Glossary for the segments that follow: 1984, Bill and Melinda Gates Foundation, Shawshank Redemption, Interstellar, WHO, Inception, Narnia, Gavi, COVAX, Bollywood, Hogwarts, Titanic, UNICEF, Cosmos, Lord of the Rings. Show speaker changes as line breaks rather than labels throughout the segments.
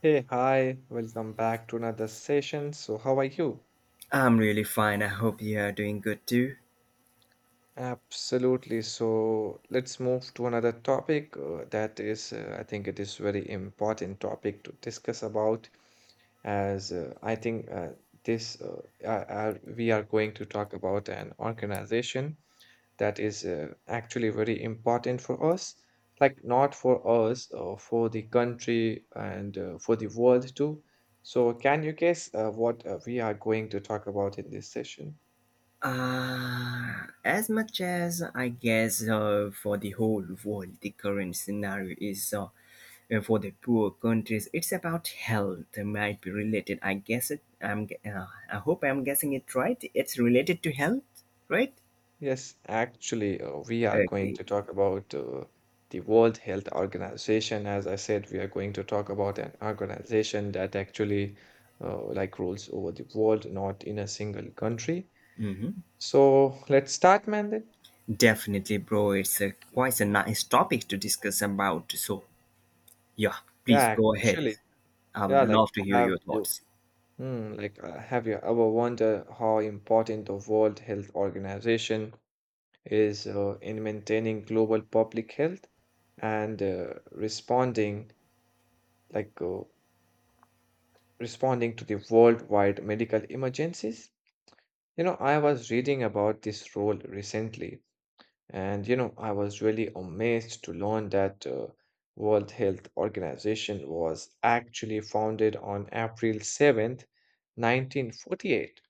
Hey, hi, welcome back to another session. So how are you?
I'm really fine. I hope you are doing good too.
Absolutely. So let's move to another topic that is, I think it is very important topic to discuss about as I think. We are going to talk about an organization that is actually very important for us, like not for us, for the country and for the world too. So can you guess what we are going to talk about in this session?
As much as I guess, for the whole world, the current scenario is for the poor countries. It's about health. It might be related. I hope I'm guessing it right. It's related to health, right?
Yes, actually, we are going
Okay.
to talk about the World Health Organization. As I said, we are going to talk about an organization that actually like rules over the world, not in a single country. So let's start, man, then.
Definitely, bro. It's a, quite a nice topic to discuss about. So, yeah, please
Yeah,
go ahead.
actually,
I would
yeah,
love to hear your thoughts.
have you ever wondered how important the World Health Organization is in maintaining global public health and like uh, responding to the worldwide medical emergencies? You know, I was reading about this role recently, and you know, I was really amazed to learn that World Health Organization was actually founded on April 7th, 1948,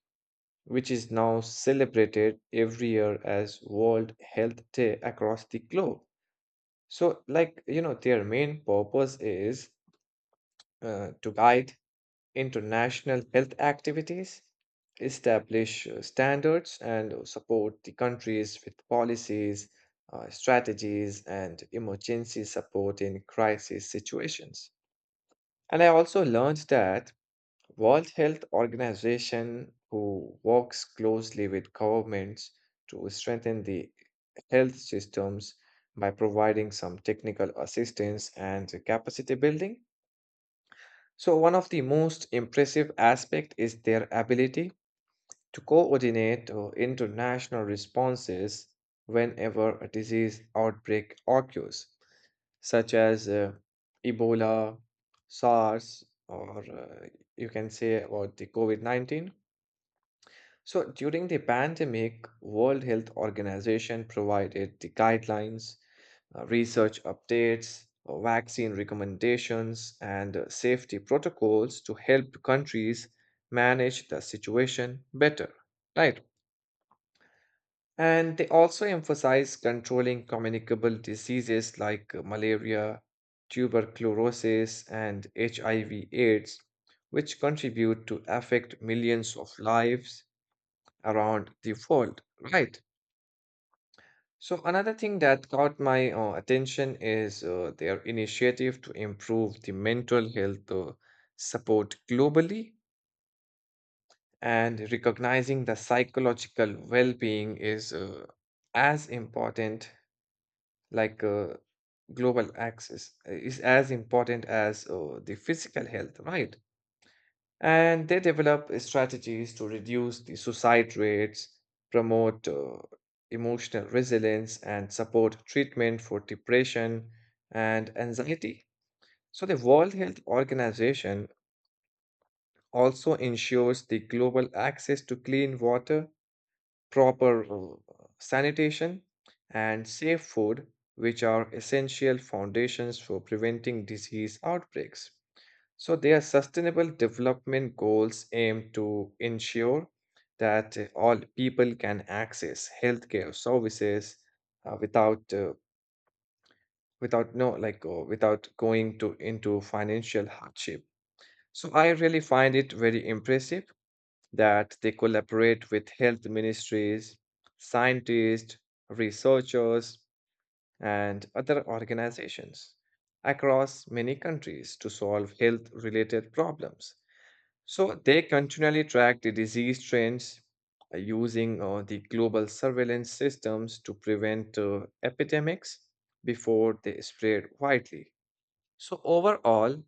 which is now celebrated every year as World Health Day across the globe. So, like, you know, their main purpose is to guide international health activities, establish standards, and support the countries with policies, strategies, and emergency support in crisis situations. And I also learned that World Health Organization, who works closely with governments to strengthen the health systems by providing some technical assistance and capacity building. So one of the most impressive aspect is their ability to coordinate international responses whenever a disease outbreak occurs, such as Ebola, SARS, or you can say about the COVID-19. So during the pandemic, World Health Organization provided the guidelines, research updates, vaccine recommendations, and safety protocols to help countries manage the situation better, right? And they also emphasize controlling communicable diseases like malaria, tuberculosis, and HIV/AIDS, which contribute to affect millions of lives around the world, right? So another thing that caught my attention is their initiative to improve the mental health support globally, and recognizing the psychological well being is as important, like uh, global access, is as important as the physical health, right? And they develop strategies to reduce the suicide rates, promote emotional resilience, and support treatment for depression and anxiety. So the World Health Organization also ensures the global access to clean water, proper sanitation, and safe food, which are essential foundations for preventing disease outbreaks. So their sustainable development goals aim to ensure that all people can access healthcare services without without no like without going to into financial hardship. So I really find it very impressive that they collaborate with health ministries, scientists, researchers, and other organizations across many countries to solve health related problems. So they continually track the disease trends using the global surveillance systems to prevent epidemics before they spread widely. So overall,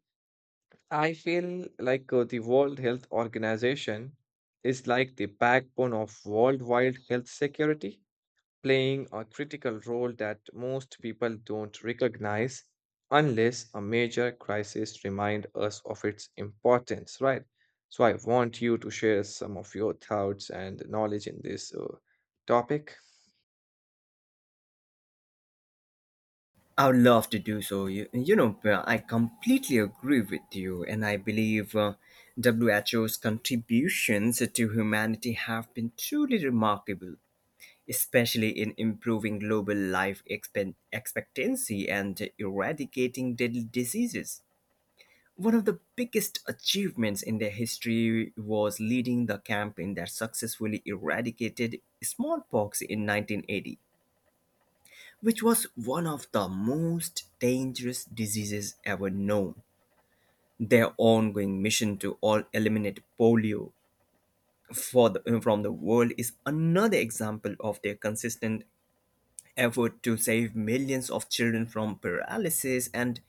I feel like the World Health Organization is like the backbone of worldwide health security, playing a critical role that most people don't recognize unless a major crisis remind us of its importance, right? So I want you to share some of your thoughts and knowledge in this topic.
I would love to do so. You know, I completely agree with you, and I believe WHO's contributions to humanity have been truly remarkable, especially in improving global life expectancy and eradicating deadly diseases. One of the biggest achievements in their history was leading the campaign that successfully eradicated smallpox in 1980, which was one of the most dangerous diseases ever known. Their ongoing mission to all eliminate polio from the world is another example of their consistent effort to save millions of children from paralysis. And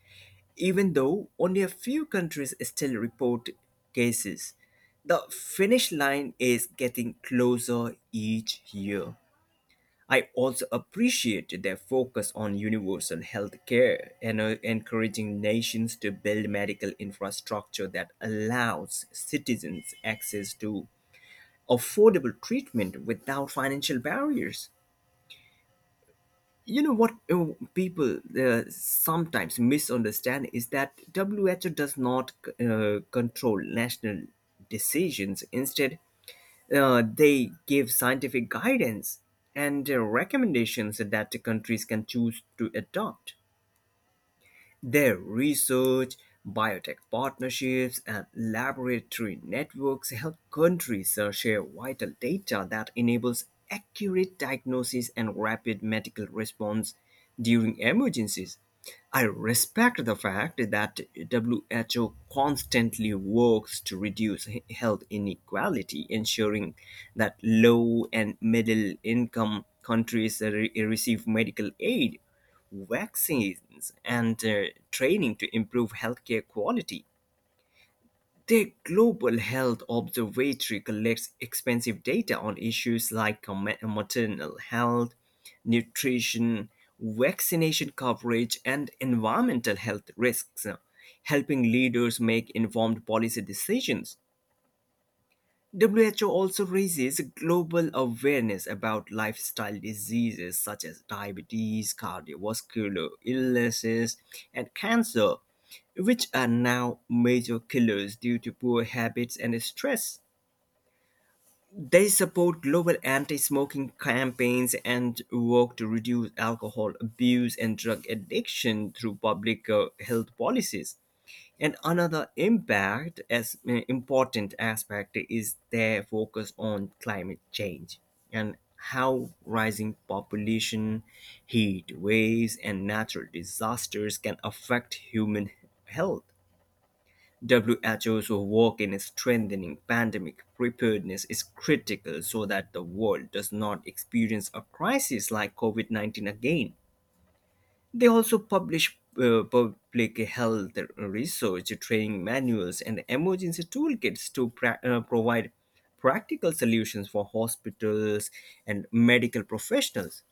even though only a few countries still report cases, the finish line is getting closer each year. I also appreciate their focus on universal health care and encouraging nations to build medical infrastructure that allows citizens access to affordable treatment without financial barriers. You know what, people sometimes misunderstand is that WHO does not control national decisions. Instead, they give scientific guidance and recommendations that countries can choose to adopt. Their research, biotech partnerships, and laboratory networks help countries share vital data that enables accurate diagnosis and rapid medical response during emergencies. I respect the fact that WHO constantly works to reduce health inequality, ensuring that low and middle income countries receive medical aid, vaccines, and training to improve healthcare quality. The Global Health Observatory collects expensive data on issues like maternal health, nutrition, vaccination coverage, and environmental health risks, helping leaders make informed policy decisions. WHO also raises global awareness about lifestyle diseases such as diabetes, cardiovascular illnesses, and cancer, which are now major killers due to poor habits and stress. They support global anti smoking campaigns and work to reduce alcohol abuse and drug addiction through public health policies. And another impact as important aspect is their focus on climate change and how rising population, heat waves, and natural disasters can affect human health. WHO's work in strengthening pandemic preparedness is critical so that the world does not experience a crisis like COVID 19 again. They also publish public health research training manuals and emergency toolkits to provide practical solutions for hospitals and medical professionals.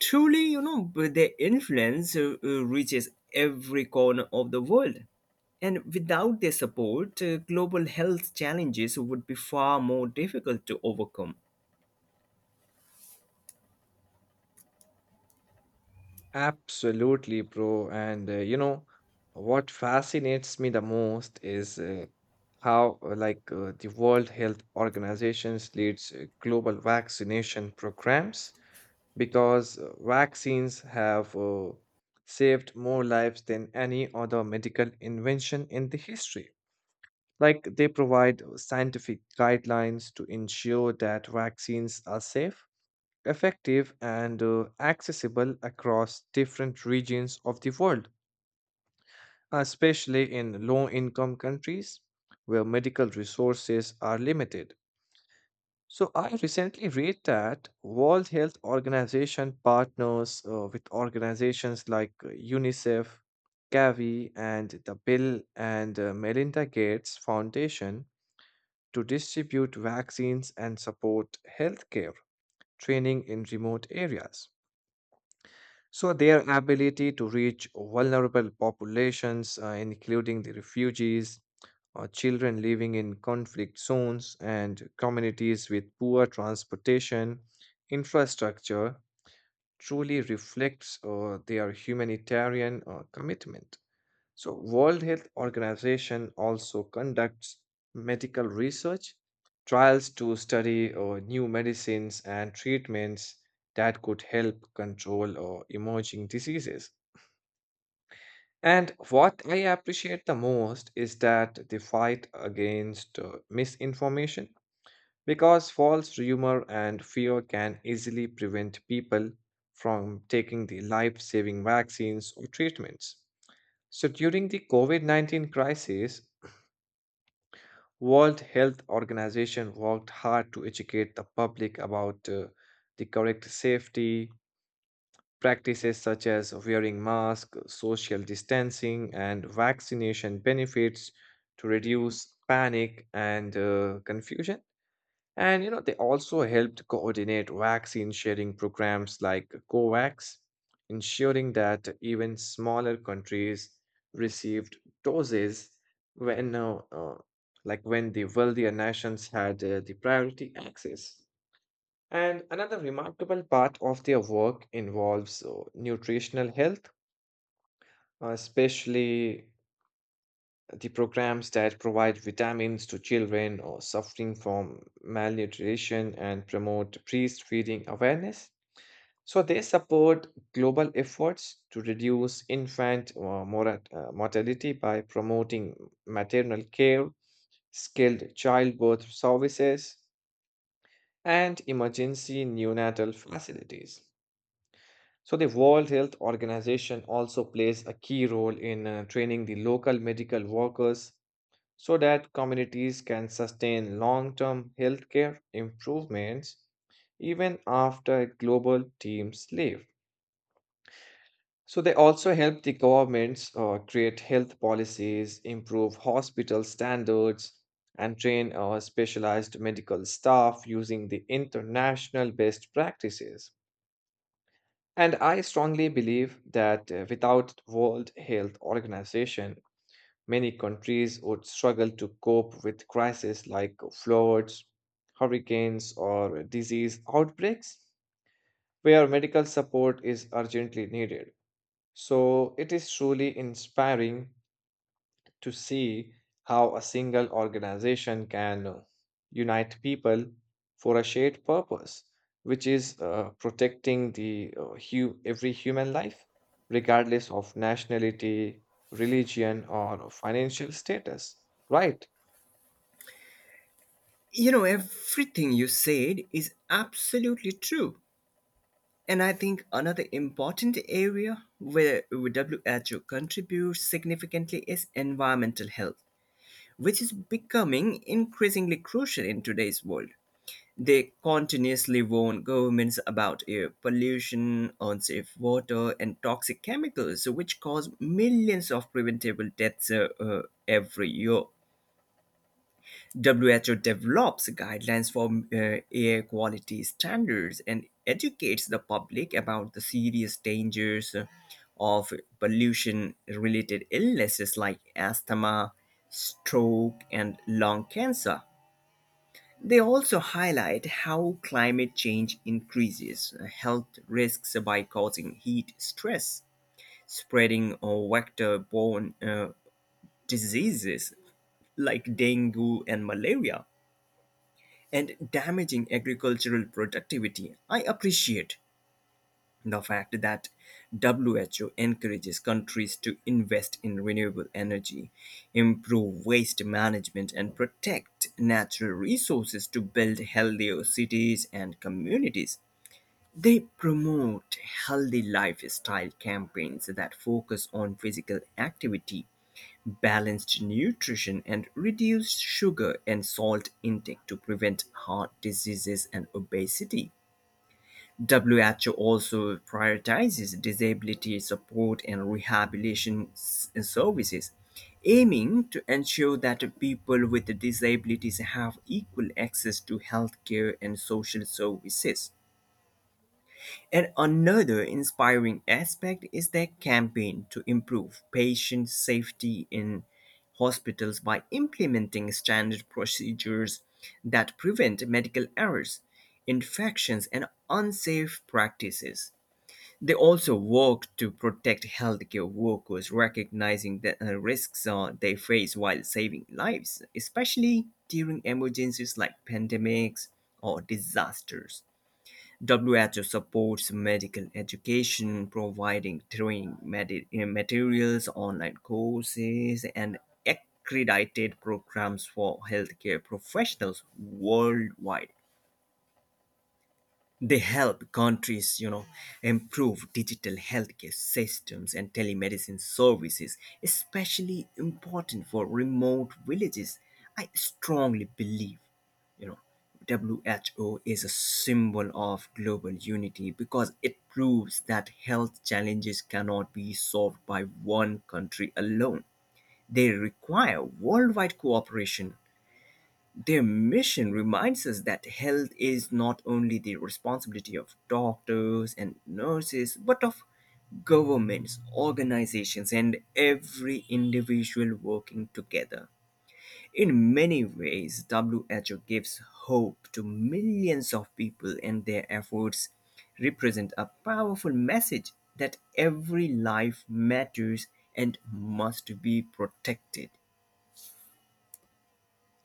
Truly, you know, their influence reaches every corner of the world. And without their support, global health challenges would be far more difficult to overcome.
Absolutely, bro. And you know, what fascinates me the most is how the World Health Organizations leads global vaccination programs, because vaccines have saved more lives than any other medical invention in the history. Like they provide scientific guidelines to ensure that vaccines are safe, effective, and accessible across different regions of the world, especially in low income countries where medical resources are limited. So I recently read that World Health Organization partners with organizations like UNICEF, Gavi, and the Bill and Melinda Gates Foundation to distribute vaccines and support healthcare training in remote areas. So their ability to reach vulnerable populations, including the refugees, children living in conflict zones, and communities with poor transportation infrastructure truly reflects their humanitarian commitment. So World Health Organization also conducts medical research trials to study new medicines and treatments that could help control emerging diseases. And what I appreciate the most is that the fight against misinformation, because false rumor and fear can easily prevent people from taking the life saving vaccines or treatments. So during the COVID 19 crisis, World Health Organization worked hard to educate the public about the correct safety practices such as wearing masks, social distancing, and vaccination benefits to reduce panic and confusion. And you know, they also helped coordinate vaccine sharing programs like COVAX, ensuring that even smaller countries received doses when, uh, uh, when the wealthier nations had the priority access. And another remarkable part of their work involves nutritional health, especially the programs that provide vitamins to children or suffering from malnutrition and promote breastfeeding awareness. So they support global efforts to reduce infant mortality by promoting maternal care, skilled childbirth services, and emergency neonatal facilities. So the World Health Organization also plays a key role in training the local medical workers so that communities can sustain long term healthcare improvements even after global teams leave. So they also help the governments create health policies, improve hospital standards, and train specialized medical staff using the international best practices. And I strongly believe that without World Health Organization, many countries would struggle to cope with crises like floods, hurricanes, or disease outbreaks, where medical support is urgently needed. So it is truly inspiring to see how a single organization can unite people for a shared purpose, which is protecting the every human life, regardless of nationality, religion, or financial status, right?
You know, everything you said is absolutely true. And I think another important area where WHO contributes significantly is environmental health, which is becoming increasingly crucial in today's world. They continuously warn governments about air pollution, unsafe water, and toxic chemicals, which cause millions of preventable deaths every year. WHO develops guidelines for air quality standards and educates the public about the serious dangers of pollution related illnesses like asthma, stroke, and lung cancer. They also highlight how climate change increases health risks by causing heat stress, spreading vector borne diseases like dengue and malaria and damaging agricultural productivity. I appreciate the fact that WHO encourages countries to invest in renewable energy, improve waste management, and protect natural resources to build healthier cities and communities. They promote healthy lifestyle campaigns that focus on physical activity, balanced nutrition and reduced sugar and salt intake to prevent heart diseases and obesity. WHO also prioritizes disability support and rehabilitation services, aiming to ensure that people with disabilities have equal access to healthcare and social services. And another inspiring aspect is their campaign to improve patient safety in hospitals by implementing standard procedures that prevent medical errors, infections, and unsafe practices. They also work to protect healthcare workers, recognizing the risks they face while saving lives, especially during emergencies like pandemics or disasters. WHO supports medical education, providing training materials, online courses, and accredited programs for healthcare professionals worldwide. They help countries, you know, improve digital healthcare systems and telemedicine services, especially important for remote villages. I strongly believe, you know, WHO is a symbol of global unity because it proves that health challenges cannot be solved by one country alone. They require worldwide cooperation. Their mission reminds us that health is not only the responsibility of doctors and nurses, but of governments, organizations, and every individual working together. In many ways, WHO gives hope to millions of people, and their efforts represent a powerful message that every life matters and must be protected.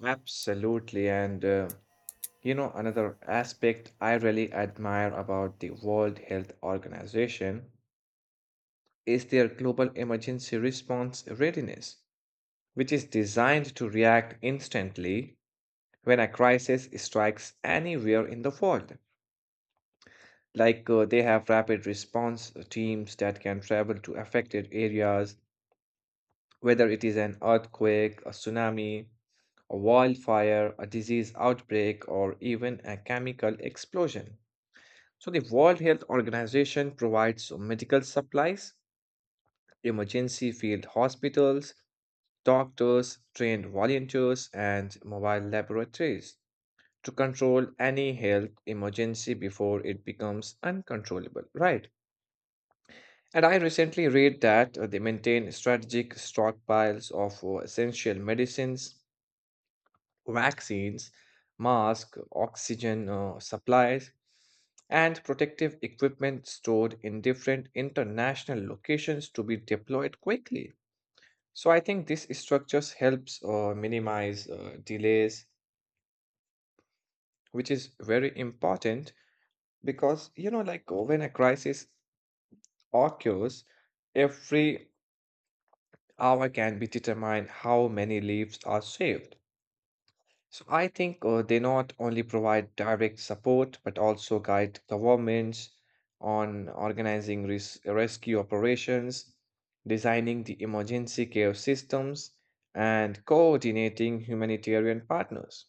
Absolutely. And you know, another aspect I really admire about the World Health Organization is their global emergency response readiness, which is designed to react instantly when a crisis strikes anywhere in the world. Like they have rapid response teams that can travel to affected areas, whether it is an earthquake, a tsunami, a wildfire, a disease outbreak, or even a chemical explosion. So the World Health Organization provides medical supplies, emergency field hospitals, doctors, trained volunteers, and mobile laboratories, to control any health emergency before it becomes uncontrollable, right? And I recently read that they maintain strategic stockpiles of essential medicines, vaccines, masks, oxygen supplies, and protective equipment stored in different international locations to be deployed quickly. So I think this structures helps minimize delays, which is very important, because you know, like when a crisis occurs, every hour can be determined how many lives are saved. So I think they not only provide direct support but also guide governments on organizing rescue operations, designing the emergency care systems, and coordinating humanitarian partners.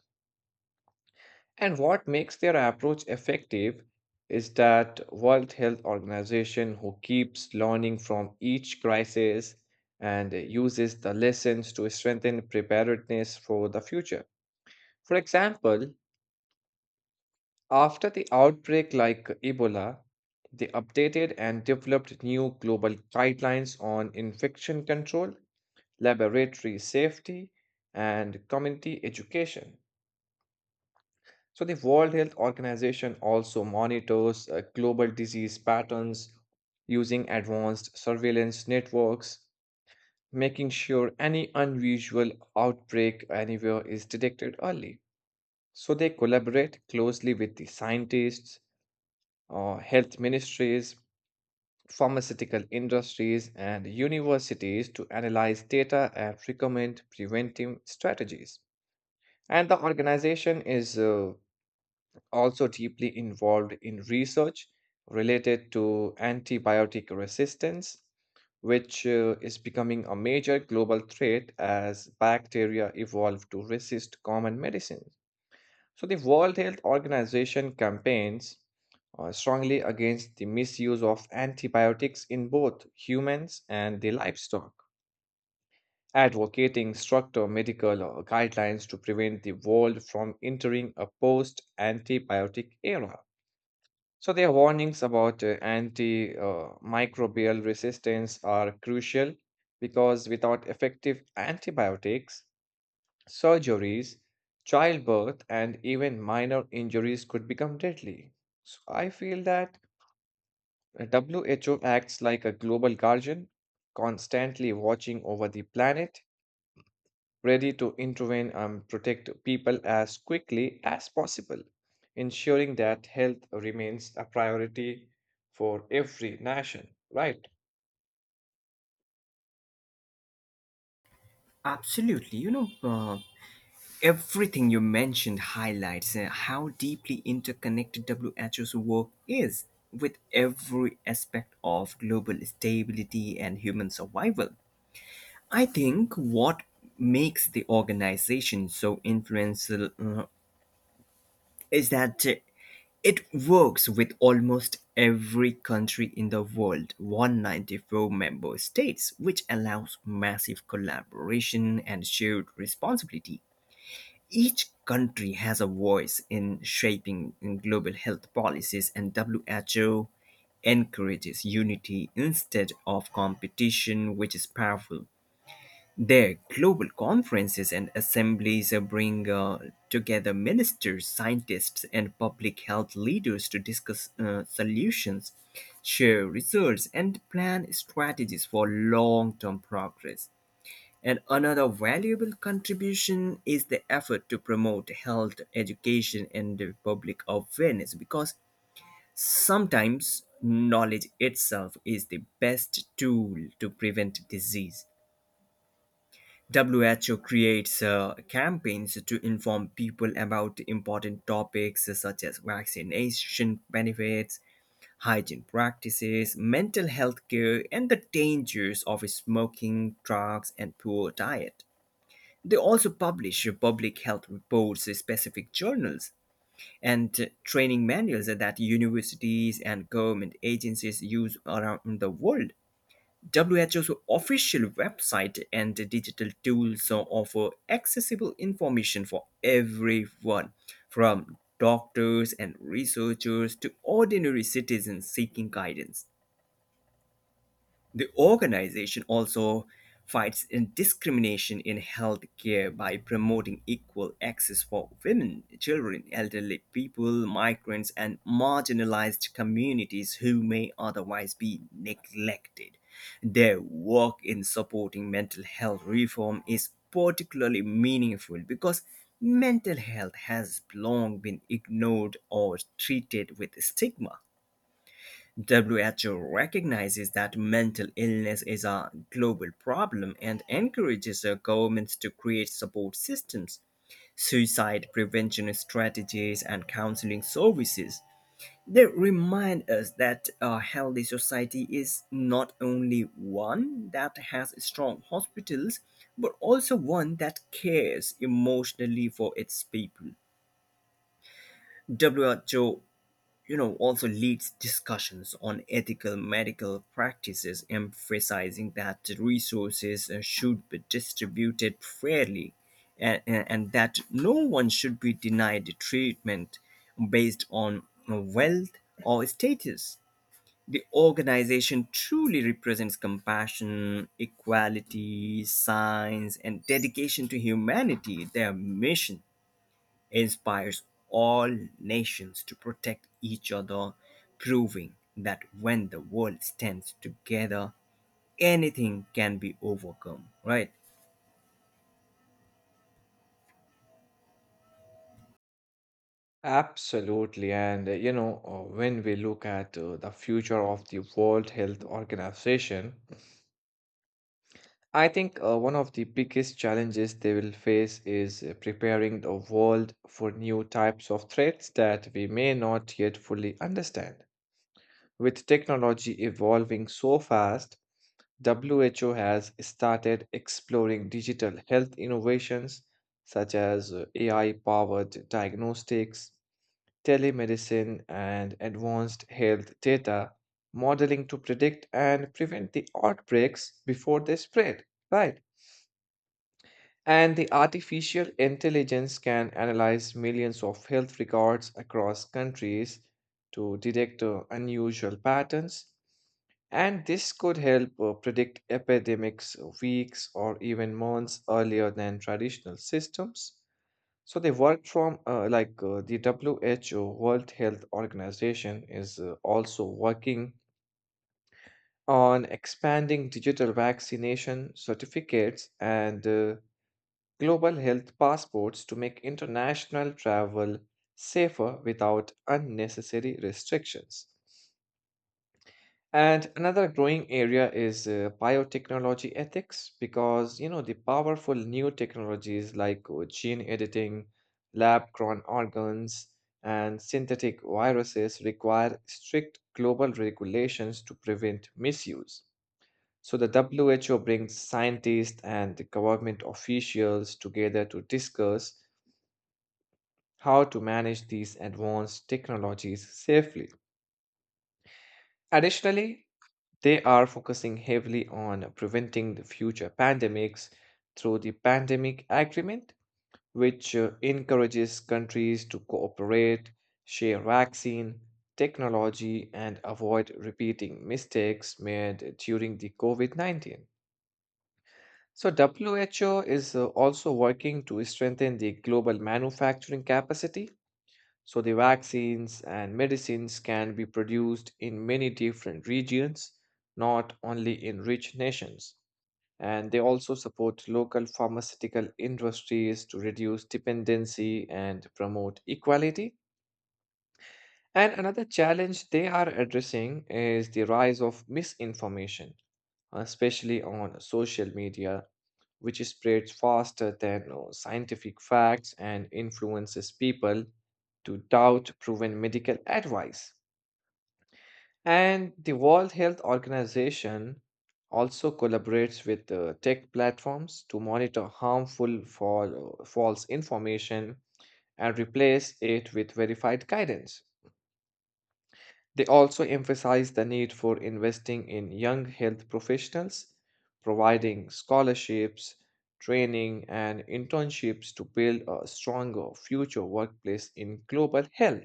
And what makes their approach effective is that World Health Organization who keeps learning from each crisis and uses the lessons to strengthen preparedness for the future. For example, after the outbreak like Ebola, they updated and developed new global guidelines on infection control, laboratory safety, and community education. So the World Health Organization also monitors global disease patterns using advanced surveillance networks, making sure any unusual outbreak anywhere is detected early. So they collaborate closely with the scientists, health ministries, pharmaceutical industries, and universities to analyze data and recommend preventive strategies. And the organization is also deeply involved in research related to antibiotic resistance, which is becoming a major global threat as bacteria evolve to resist common medicines. So the World Health Organization campaigns strongly against the misuse of antibiotics in both humans and the livestock, advocating stricter medical guidelines to prevent the world from entering a post antibiotic era. So their warnings about antimicrobial resistance are crucial because without effective antibiotics, surgeries, childbirth, and even minor injuries could become deadly. So I feel that WHO acts like a global guardian, constantly watching over the planet, ready to intervene and protect people as quickly as possible, ensuring that health remains a priority for every nation, right?
Absolutely. You know, everything you mentioned highlights how deeply interconnected WHO's work is with every aspect of global stability and human survival. I think what makes the organization so influential is that it works with almost every country in the world, 194-member states, which allows massive collaboration and shared responsibility. Each country has a voice in shaping global health policies, and WHO encourages unity instead of competition, which is powerful. Their global conferences and assemblies bring together ministers, scientists, and public health leaders to discuss solutions, share results, and plan strategies for long term progress. And another valuable contribution is the effort to promote health education and the public awareness, because sometimes knowledge itself is the best tool to prevent disease. WHO creates campaigns to inform people about important topics such as vaccination benefits, hygiene practices, mental health care, and the dangers of smoking, drugs, and poor diet. They also publish public health reports, specific journals, and training manuals that universities and government agencies use around the world. WHO's official website and digital tools offer accessible information for everyone, from doctors and researchers to ordinary citizens seeking guidance. The organization also fights in discrimination in healthcare by promoting equal access for women, children, elderly people, migrants, and marginalized communities who may otherwise be neglected. Their work in supporting mental health reform is particularly meaningful because mental health has long been ignored or treated with stigma. WHO recognizes that mental illness is a global problem and encourages governments to create support systems, suicide prevention strategies, and counseling services. They remind us that a healthy society is not only one that has strong hospitals, but also one that cares emotionally for its people. WHO, you know, also leads discussions on ethical medical practices, emphasizing that resources should be distributed fairly, and that no one should be denied treatment based on wealth or status. The organization truly represents compassion, equality, science, and dedication to humanity. Their mission inspires all nations to protect each other, proving that when the world stands together, anything can be overcome, right?
Absolutely. And you know, when we look at the future of the World Health Organization, I think one of the biggest challenges they will face is preparing the world for new types of threats that we may not yet fully understand. With technology evolving so fast, WHO has started exploring digital health innovations such as AI powered diagnostics, telemedicine, and advanced health data modeling to predict and prevent the outbreaks before they spread, right. And the artificial intelligence can analyze millions of health records across countries to detect unusual patterns. And this could help predict epidemics weeks or even months earlier than traditional systems. So they work from like the WHO World Health Organization is also working on expanding digital vaccination certificates and global health passports to make international travel safer without unnecessary restrictions. And another growing area is biotechnology ethics, because you know the powerful new technologies like gene editing, lab grown organs, and synthetic viruses require strict global regulations to prevent misuse. So the WHO brings scientists and the government officials together to discuss how to manage these advanced technologies safely. Additionally, they are focusing heavily on preventing the future pandemics through the Pandemic Agreement, which encourages countries to cooperate, share vaccine, technology, and avoid repeating mistakes made during the COVID 19. So WHO is also working to strengthen the global manufacturing capacity, so the vaccines and medicines can be produced in many different regions, not only in rich nations. And they also support local pharmaceutical industries to reduce dependency and promote equality. And another challenge they are addressing is the rise of misinformation, especially on social media, which spreads faster than scientific facts and influences people to doubt proven medical advice. And the World Health Organization also collaborates with tech platforms to monitor harmful false information and replace it with verified guidance. They also emphasize the need for investing in young health professionals, providing scholarships, training, and internships to build a stronger future workplace in global health.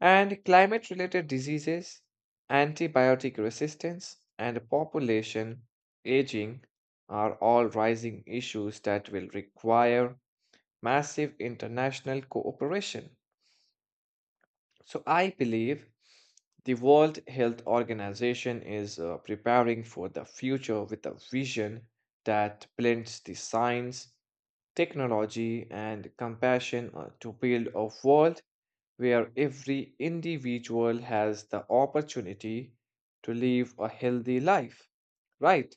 And climate related diseases, antibiotic resistance, and population aging are all rising issues that will require massive international cooperation. So I believe the World Health Organization is preparing for the future with a vision that blends the science, technology, and compassion to build a world where every individual has the opportunity to live a healthy life, right?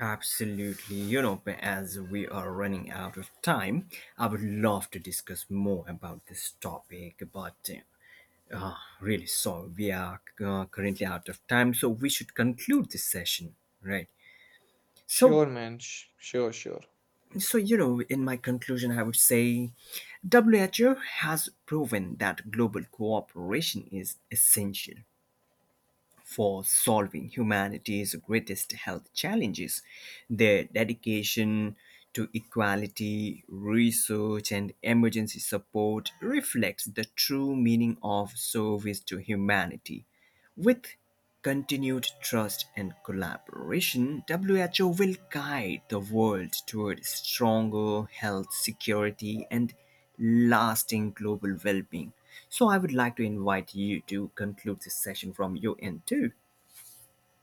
Absolutely. You know, as we are running out of time, I would love to discuss more about this topic, but uh, uh, really sorry, we are currently out of time, so we should conclude this session, right? So,
Sure, man. Sure, sure.
so, you know, in my conclusion, I would say WHO has proven that global cooperation is essential for solving humanity's greatest health challenges. Their dedication to equality, research, and emergency support reflects the true meaning of service to humanity. With continued trust and collaboration, WHO will guide the world toward stronger health security and lasting global well-being. So I would like to invite you to conclude this session from your end too.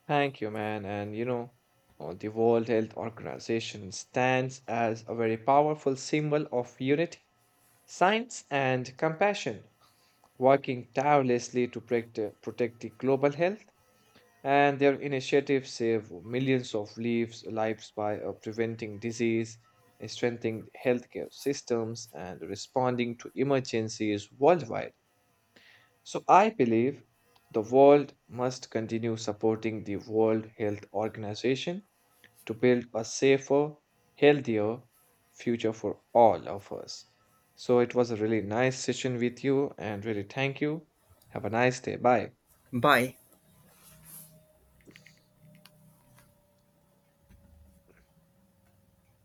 Thank you, man. And you know, the World Health Organization stands as a very powerful symbol of unity, science, and compassion, working tirelessly to protect the global health. And their initiatives save millions of lives, lives by preventing disease, strengthening healthcare systems, and responding to emergencies worldwide. So I believe the world must continue supporting the World Health Organization to build a safer, healthier future for all of us. So it was a really nice session with you and really thank you. Have a nice day. Bye.
Bye.